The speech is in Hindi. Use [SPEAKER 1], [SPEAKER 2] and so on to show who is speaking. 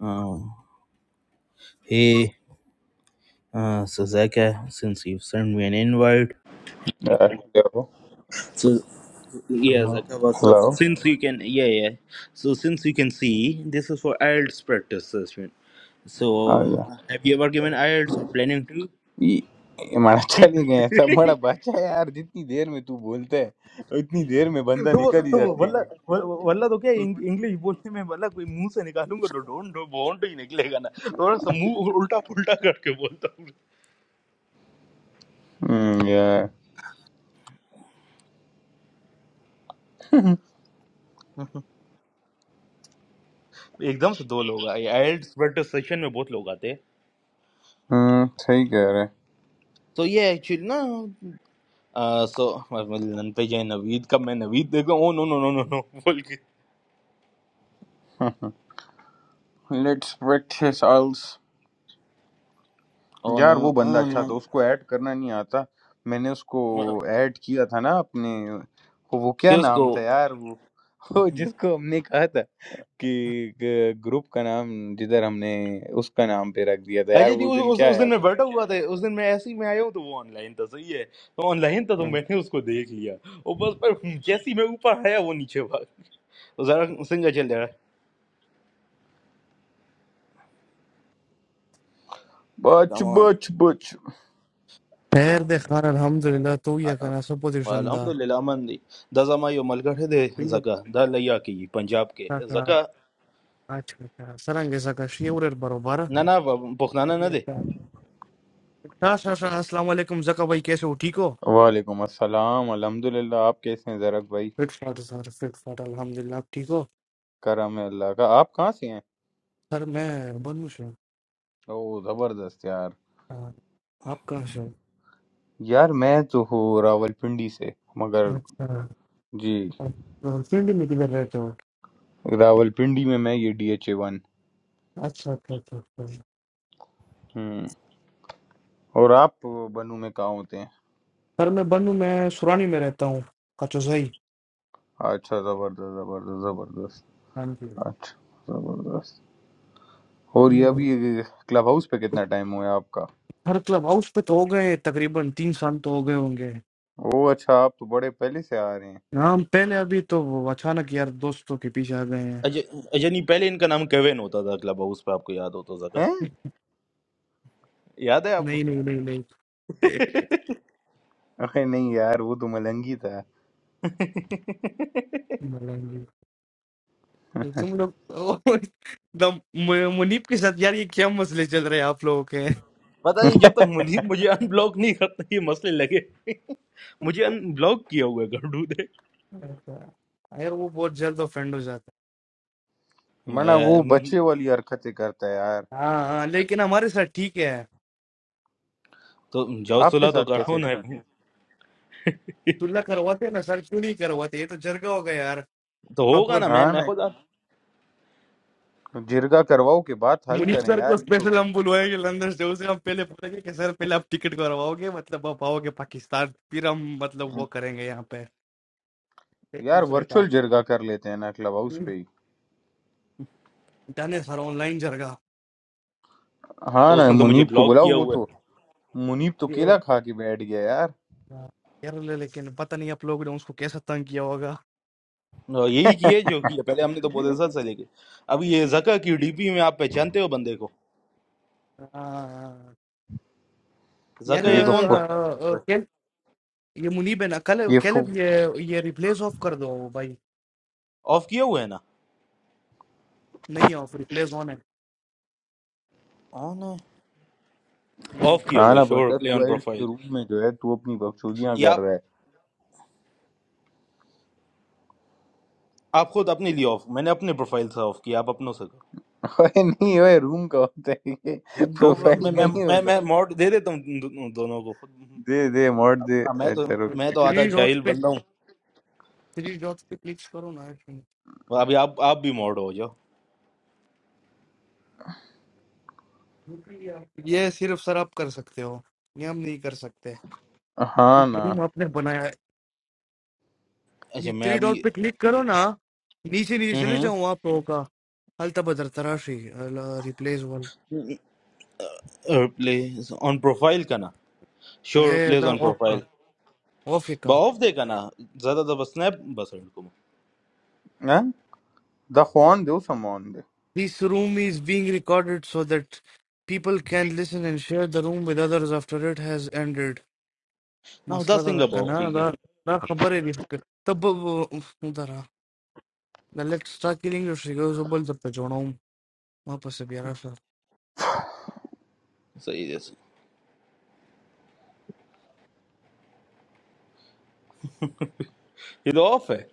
[SPEAKER 1] Uh, hey, uh, so Zaka, since you've sent me an invite,
[SPEAKER 2] Uh, hello.
[SPEAKER 1] so yeah,
[SPEAKER 2] hello
[SPEAKER 1] Zaka, what's up? So
[SPEAKER 2] hello
[SPEAKER 1] since you can, yeah, yeah. So since you can see, this is for IELTS practice session.
[SPEAKER 2] Uh
[SPEAKER 1] So
[SPEAKER 2] गया
[SPEAKER 1] uh, have you ever given IELTS or planning to?
[SPEAKER 2] ये ये मारा चले गए सब बड़ा बच्चा है यार जितनी देर में तू बोलता है उतनी देर में बंदा
[SPEAKER 1] तो वो
[SPEAKER 2] निकल ही
[SPEAKER 1] तो वो
[SPEAKER 2] जाता है
[SPEAKER 1] वल्ला व- वल्ला तो क्या इंग- इंग्लिश बोलने में वल्ला कोई मुंह से निकालूंगा तो डोंट डो बॉन्ड ही निकलेगा ना थोड़ा सा मुंह उल्टा पुल्टा करके बोलता हूँ
[SPEAKER 2] हम्म यार
[SPEAKER 1] एकदम से दो लोग आए आइल्स सेशन में बहुत लोग आते हैं
[SPEAKER 2] हम्म सही कह रहे
[SPEAKER 1] So yeah, actually, no. आ, सो लन पे जाए नवीद का मैं नवीद देखा oh no no no no no बोल के
[SPEAKER 2] हैं let's wait his also
[SPEAKER 1] oh no
[SPEAKER 2] यार वो बंदा
[SPEAKER 1] ओ
[SPEAKER 2] अच्छा था
[SPEAKER 1] नो
[SPEAKER 2] उसको ऐड करना नहीं आता मैंने उसको ऐड किया था ना अपने वो वो क्या
[SPEAKER 1] किसको
[SPEAKER 2] नाम था यार वो वो जिसको हमने कहा था कि ग ग्रुप का नाम जिधर हमने उसका नाम पे रख दिया था यार
[SPEAKER 1] अजय जी
[SPEAKER 2] उस
[SPEAKER 1] उस,
[SPEAKER 2] दिन
[SPEAKER 1] उस
[SPEAKER 2] क्या
[SPEAKER 1] उस दिन
[SPEAKER 2] आया
[SPEAKER 1] मैं
[SPEAKER 2] था
[SPEAKER 1] बैठा हुआ था उस दिन मैं ऐसे ही मैं आया हूँ तो वो ऑनलाइन था सही है तो ऑनलाइन था तो
[SPEAKER 2] हाँ।
[SPEAKER 1] मैंने उसको देख लिया वो बस पर जैसे ही मैं ऊपर आया वो नीचे भाग वो जरा सिंगर चल रहा है
[SPEAKER 2] बच
[SPEAKER 1] कम ऑन
[SPEAKER 2] बच बच
[SPEAKER 3] خير دخار الحمد لله تويا كان سبو دي شندا
[SPEAKER 1] अल्हम्दुलिल्लाह मंदी दजमायो मलगढ़ दे
[SPEAKER 3] تويا
[SPEAKER 1] जका दर लैया की पंजाब के
[SPEAKER 3] كاكا
[SPEAKER 1] जका
[SPEAKER 3] अच्छा अच्छा सरंगे सका शिवर बरोबर
[SPEAKER 1] ना ना पुखनाना ना
[SPEAKER 3] खैरियत
[SPEAKER 1] दे
[SPEAKER 3] का अच्छा अच्छा अच्छा अस्सलाम वालेकुम जका भाई कैसे हो ठीक हो
[SPEAKER 2] वालेकुम अस्सलाम अल्हम्दुलिल्लाह आप कैसे हैं जरक भाई
[SPEAKER 3] फिट फाट सर फिट फाट अल्हम्दुलिल्लाह आप ठीक हो
[SPEAKER 2] करम है अल्लाह का आप कहाँ से हैं
[SPEAKER 3] सर मैं बनू से
[SPEAKER 2] ओ जबरदस्त यार
[SPEAKER 3] आप कहाँ से हो?
[SPEAKER 2] यार मैं तो हूँ रावलपिंडी से मगर
[SPEAKER 3] अच्छा
[SPEAKER 2] जी
[SPEAKER 3] आप सिंधी में किधर रहते हो
[SPEAKER 2] रावलपिंडी में मैं ये डी एच ए वन
[SPEAKER 3] अच्छा अच्छा अच्छा अच्छा।
[SPEAKER 2] हम्म और आप बनू में कहाँ होते हैं
[SPEAKER 3] सर मैं बनू मैं सुरानी में रहता हूँ कचोजई
[SPEAKER 2] अच्छा जबरदस्त जबरदस्त जबरदस्त
[SPEAKER 3] हाँ जी
[SPEAKER 2] अच्छा जबरदस्त और ये
[SPEAKER 3] हम्म,
[SPEAKER 2] अभी क्लब हाउस पे कितना टाइम हुआ है आपका
[SPEAKER 3] हर क्लब हाउस पे तो हो गए तकरीबन तीन साल तो हो गए होंगे
[SPEAKER 2] ओ अच्छा आप तो बड़े पहले से आ रहे हैं
[SPEAKER 3] हम पहले अभी तो वो अचानक यार दोस्तों के पीछे आ गए हैं
[SPEAKER 1] अजय अजय नहीं पहले इनका नाम केविन होता था क्लब हाउस पे आपको याद हो तो जगह
[SPEAKER 2] हैं
[SPEAKER 1] याद है आपको
[SPEAKER 3] नहीं नहीं नहीं नहीं
[SPEAKER 2] अरे नहीं यार वो तो मलंगी था
[SPEAKER 3] मलांगी तुम लोग ओ, दम- मु- मुनीब के साथ यार ये क्या मसले चल रहे हैं आप लोगों के
[SPEAKER 1] पता नहीं जब तक मनदीप मुझे अनब्लॉक नहीं करता ये मसले लगे मुझे अनब्लॉक किया हुआ है गड्ढू ने
[SPEAKER 3] अच्छा। यार वो बहुत जल्द ऑफेंड हो जाता
[SPEAKER 2] मना वो
[SPEAKER 1] मैं-
[SPEAKER 2] बच्चे वाली हरकतें करता है यार
[SPEAKER 3] है हाँ हाँ लेकिन हमारे साथ ठीक है
[SPEAKER 1] तो जाओ
[SPEAKER 2] आपके
[SPEAKER 1] सुलह
[SPEAKER 2] साथ
[SPEAKER 1] तो करो
[SPEAKER 2] कैसे
[SPEAKER 1] ना
[SPEAKER 2] ठीक है
[SPEAKER 3] तुल्ला करवाते हैं ना सर क्यों नहीं करवाते ये तो जरगा हो गया यार
[SPEAKER 1] तो होगा
[SPEAKER 3] प्रॉपर
[SPEAKER 1] ना मैं
[SPEAKER 2] हाँ
[SPEAKER 1] मैं
[SPEAKER 2] ना
[SPEAKER 1] खुद आप
[SPEAKER 2] जिरगा करवाओ के बात हल
[SPEAKER 3] मुनीब
[SPEAKER 2] करें
[SPEAKER 3] सर को
[SPEAKER 2] यार ये तो
[SPEAKER 3] स्पेशल हम बुलवाएंगे लंदन से उसे हम पहले बोलेंगे कि सर पहले आप टिकट करवाओगे मतलब आप आओगे पाकिस्तान फिर हम मतलब वो करेंगे यहाँ पे एक
[SPEAKER 2] यार
[SPEAKER 3] दूसरे का
[SPEAKER 2] वर्चुअल जिरगा कर लेते हैं ना क्लब हाउस पे ही
[SPEAKER 3] डनेस हर ऑनलाइन जर गया
[SPEAKER 2] हाँ
[SPEAKER 1] तो
[SPEAKER 2] ना
[SPEAKER 1] उसने तो मुझे
[SPEAKER 2] मुनीब को
[SPEAKER 1] ब्लॉक
[SPEAKER 2] बुलाओ
[SPEAKER 1] किया
[SPEAKER 2] वो
[SPEAKER 1] हुआ
[SPEAKER 2] तो मुनीब तो
[SPEAKER 3] यो
[SPEAKER 2] केला खा के बैठ गया यार
[SPEAKER 3] यार ले लेकिन पता नहीं आप लोगों ने उसको कैसा तंग किया होगा
[SPEAKER 1] है और यही किए जो किया पहले हमने तो बोले सर से लेके अब ये जका की डीपी में आप पहचानते हो बंदे को
[SPEAKER 3] हाँ, यार
[SPEAKER 1] जका
[SPEAKER 2] ये
[SPEAKER 1] ये
[SPEAKER 2] तो
[SPEAKER 1] कौन
[SPEAKER 3] आ,
[SPEAKER 2] फु,
[SPEAKER 1] था
[SPEAKER 3] आ, कैल ये मुनीब है ना कल
[SPEAKER 2] ये फु,
[SPEAKER 3] कैलेब ये ये रिप्लेस ऑफ कर दो भाई
[SPEAKER 1] ऑफ किया हुआ है ना
[SPEAKER 3] नहीं ऑफ रिप्लेस ऑन है
[SPEAKER 1] ऑन है
[SPEAKER 3] हम्म
[SPEAKER 1] ऑफ किया
[SPEAKER 2] हाँ
[SPEAKER 1] हुआ है
[SPEAKER 2] ना
[SPEAKER 1] शोर
[SPEAKER 2] बता
[SPEAKER 1] प्ले
[SPEAKER 2] तू
[SPEAKER 1] ऑन
[SPEAKER 2] आइल्स के
[SPEAKER 1] प्रोफाइल
[SPEAKER 2] रूम में जो है तू अपनी बकचोदियां कर रहा है
[SPEAKER 1] आप खुद अपने लिए ऑफ मैंने अपने प्रोफाइल से ऑफ किया आप अपनों से करो
[SPEAKER 2] अरे नहीं ओए रूम का होता है ये
[SPEAKER 3] रूम का
[SPEAKER 1] तो
[SPEAKER 3] भाई
[SPEAKER 2] प्रोफाइल
[SPEAKER 1] मैं
[SPEAKER 3] रूम
[SPEAKER 2] का
[SPEAKER 1] मैं
[SPEAKER 3] का
[SPEAKER 2] नहीं
[SPEAKER 1] मैं
[SPEAKER 2] होता
[SPEAKER 1] मैं mod दे देता हूँ दो- दो- दोनों को खुद
[SPEAKER 2] They they
[SPEAKER 1] अब-
[SPEAKER 2] murder
[SPEAKER 1] अब मैं
[SPEAKER 2] a
[SPEAKER 1] तो मैं
[SPEAKER 2] Cherokee.
[SPEAKER 1] तो आधा
[SPEAKER 3] थ्री डॉट्स
[SPEAKER 1] जाहिल
[SPEAKER 3] पे
[SPEAKER 1] बंदा हूँ
[SPEAKER 3] थ्री डॉट्स पे क्लिक करो ना
[SPEAKER 1] और अभी आप आप भी mod हो जाओ
[SPEAKER 3] ये सिर्फ सर आप कर सकते हो ये हम नहीं कर सकते
[SPEAKER 2] Aha
[SPEAKER 3] क्योंकि
[SPEAKER 2] na,
[SPEAKER 3] रूम आपने बनाया है
[SPEAKER 1] अच्छा
[SPEAKER 3] ये
[SPEAKER 1] मैं
[SPEAKER 3] थ्री
[SPEAKER 1] अभी
[SPEAKER 3] डॉट पे क्लिक करो ना नीचे नीचे चले जाओ आप लोगों का هلته به درته راشي ریپلیس ون
[SPEAKER 1] प्लेज ऑन प्रोफाइल का ना श्योर
[SPEAKER 3] اے
[SPEAKER 1] प्लेज
[SPEAKER 3] دا
[SPEAKER 1] ऑन
[SPEAKER 3] اوف کا
[SPEAKER 1] प्रोफाइल
[SPEAKER 3] اوف یې کا
[SPEAKER 1] ऑफ दे का ना ज्यादा तो बस स्नैप बस को ना
[SPEAKER 2] eh? The Juan do some Juan.
[SPEAKER 3] This room is being recorded so that people can listen and share the room with others after it has ended. مسله
[SPEAKER 1] उदास
[SPEAKER 3] دا
[SPEAKER 1] सिंह
[SPEAKER 3] ده
[SPEAKER 1] ऑफ की
[SPEAKER 3] کنه
[SPEAKER 1] की
[SPEAKER 3] دا دا خبره دي ته به درا دا لیټ سټارټ کیلینګ یور شیګوز بل درته جوړوم ما پس بیا راشه
[SPEAKER 1] सही जैसे ये तो ऑफ है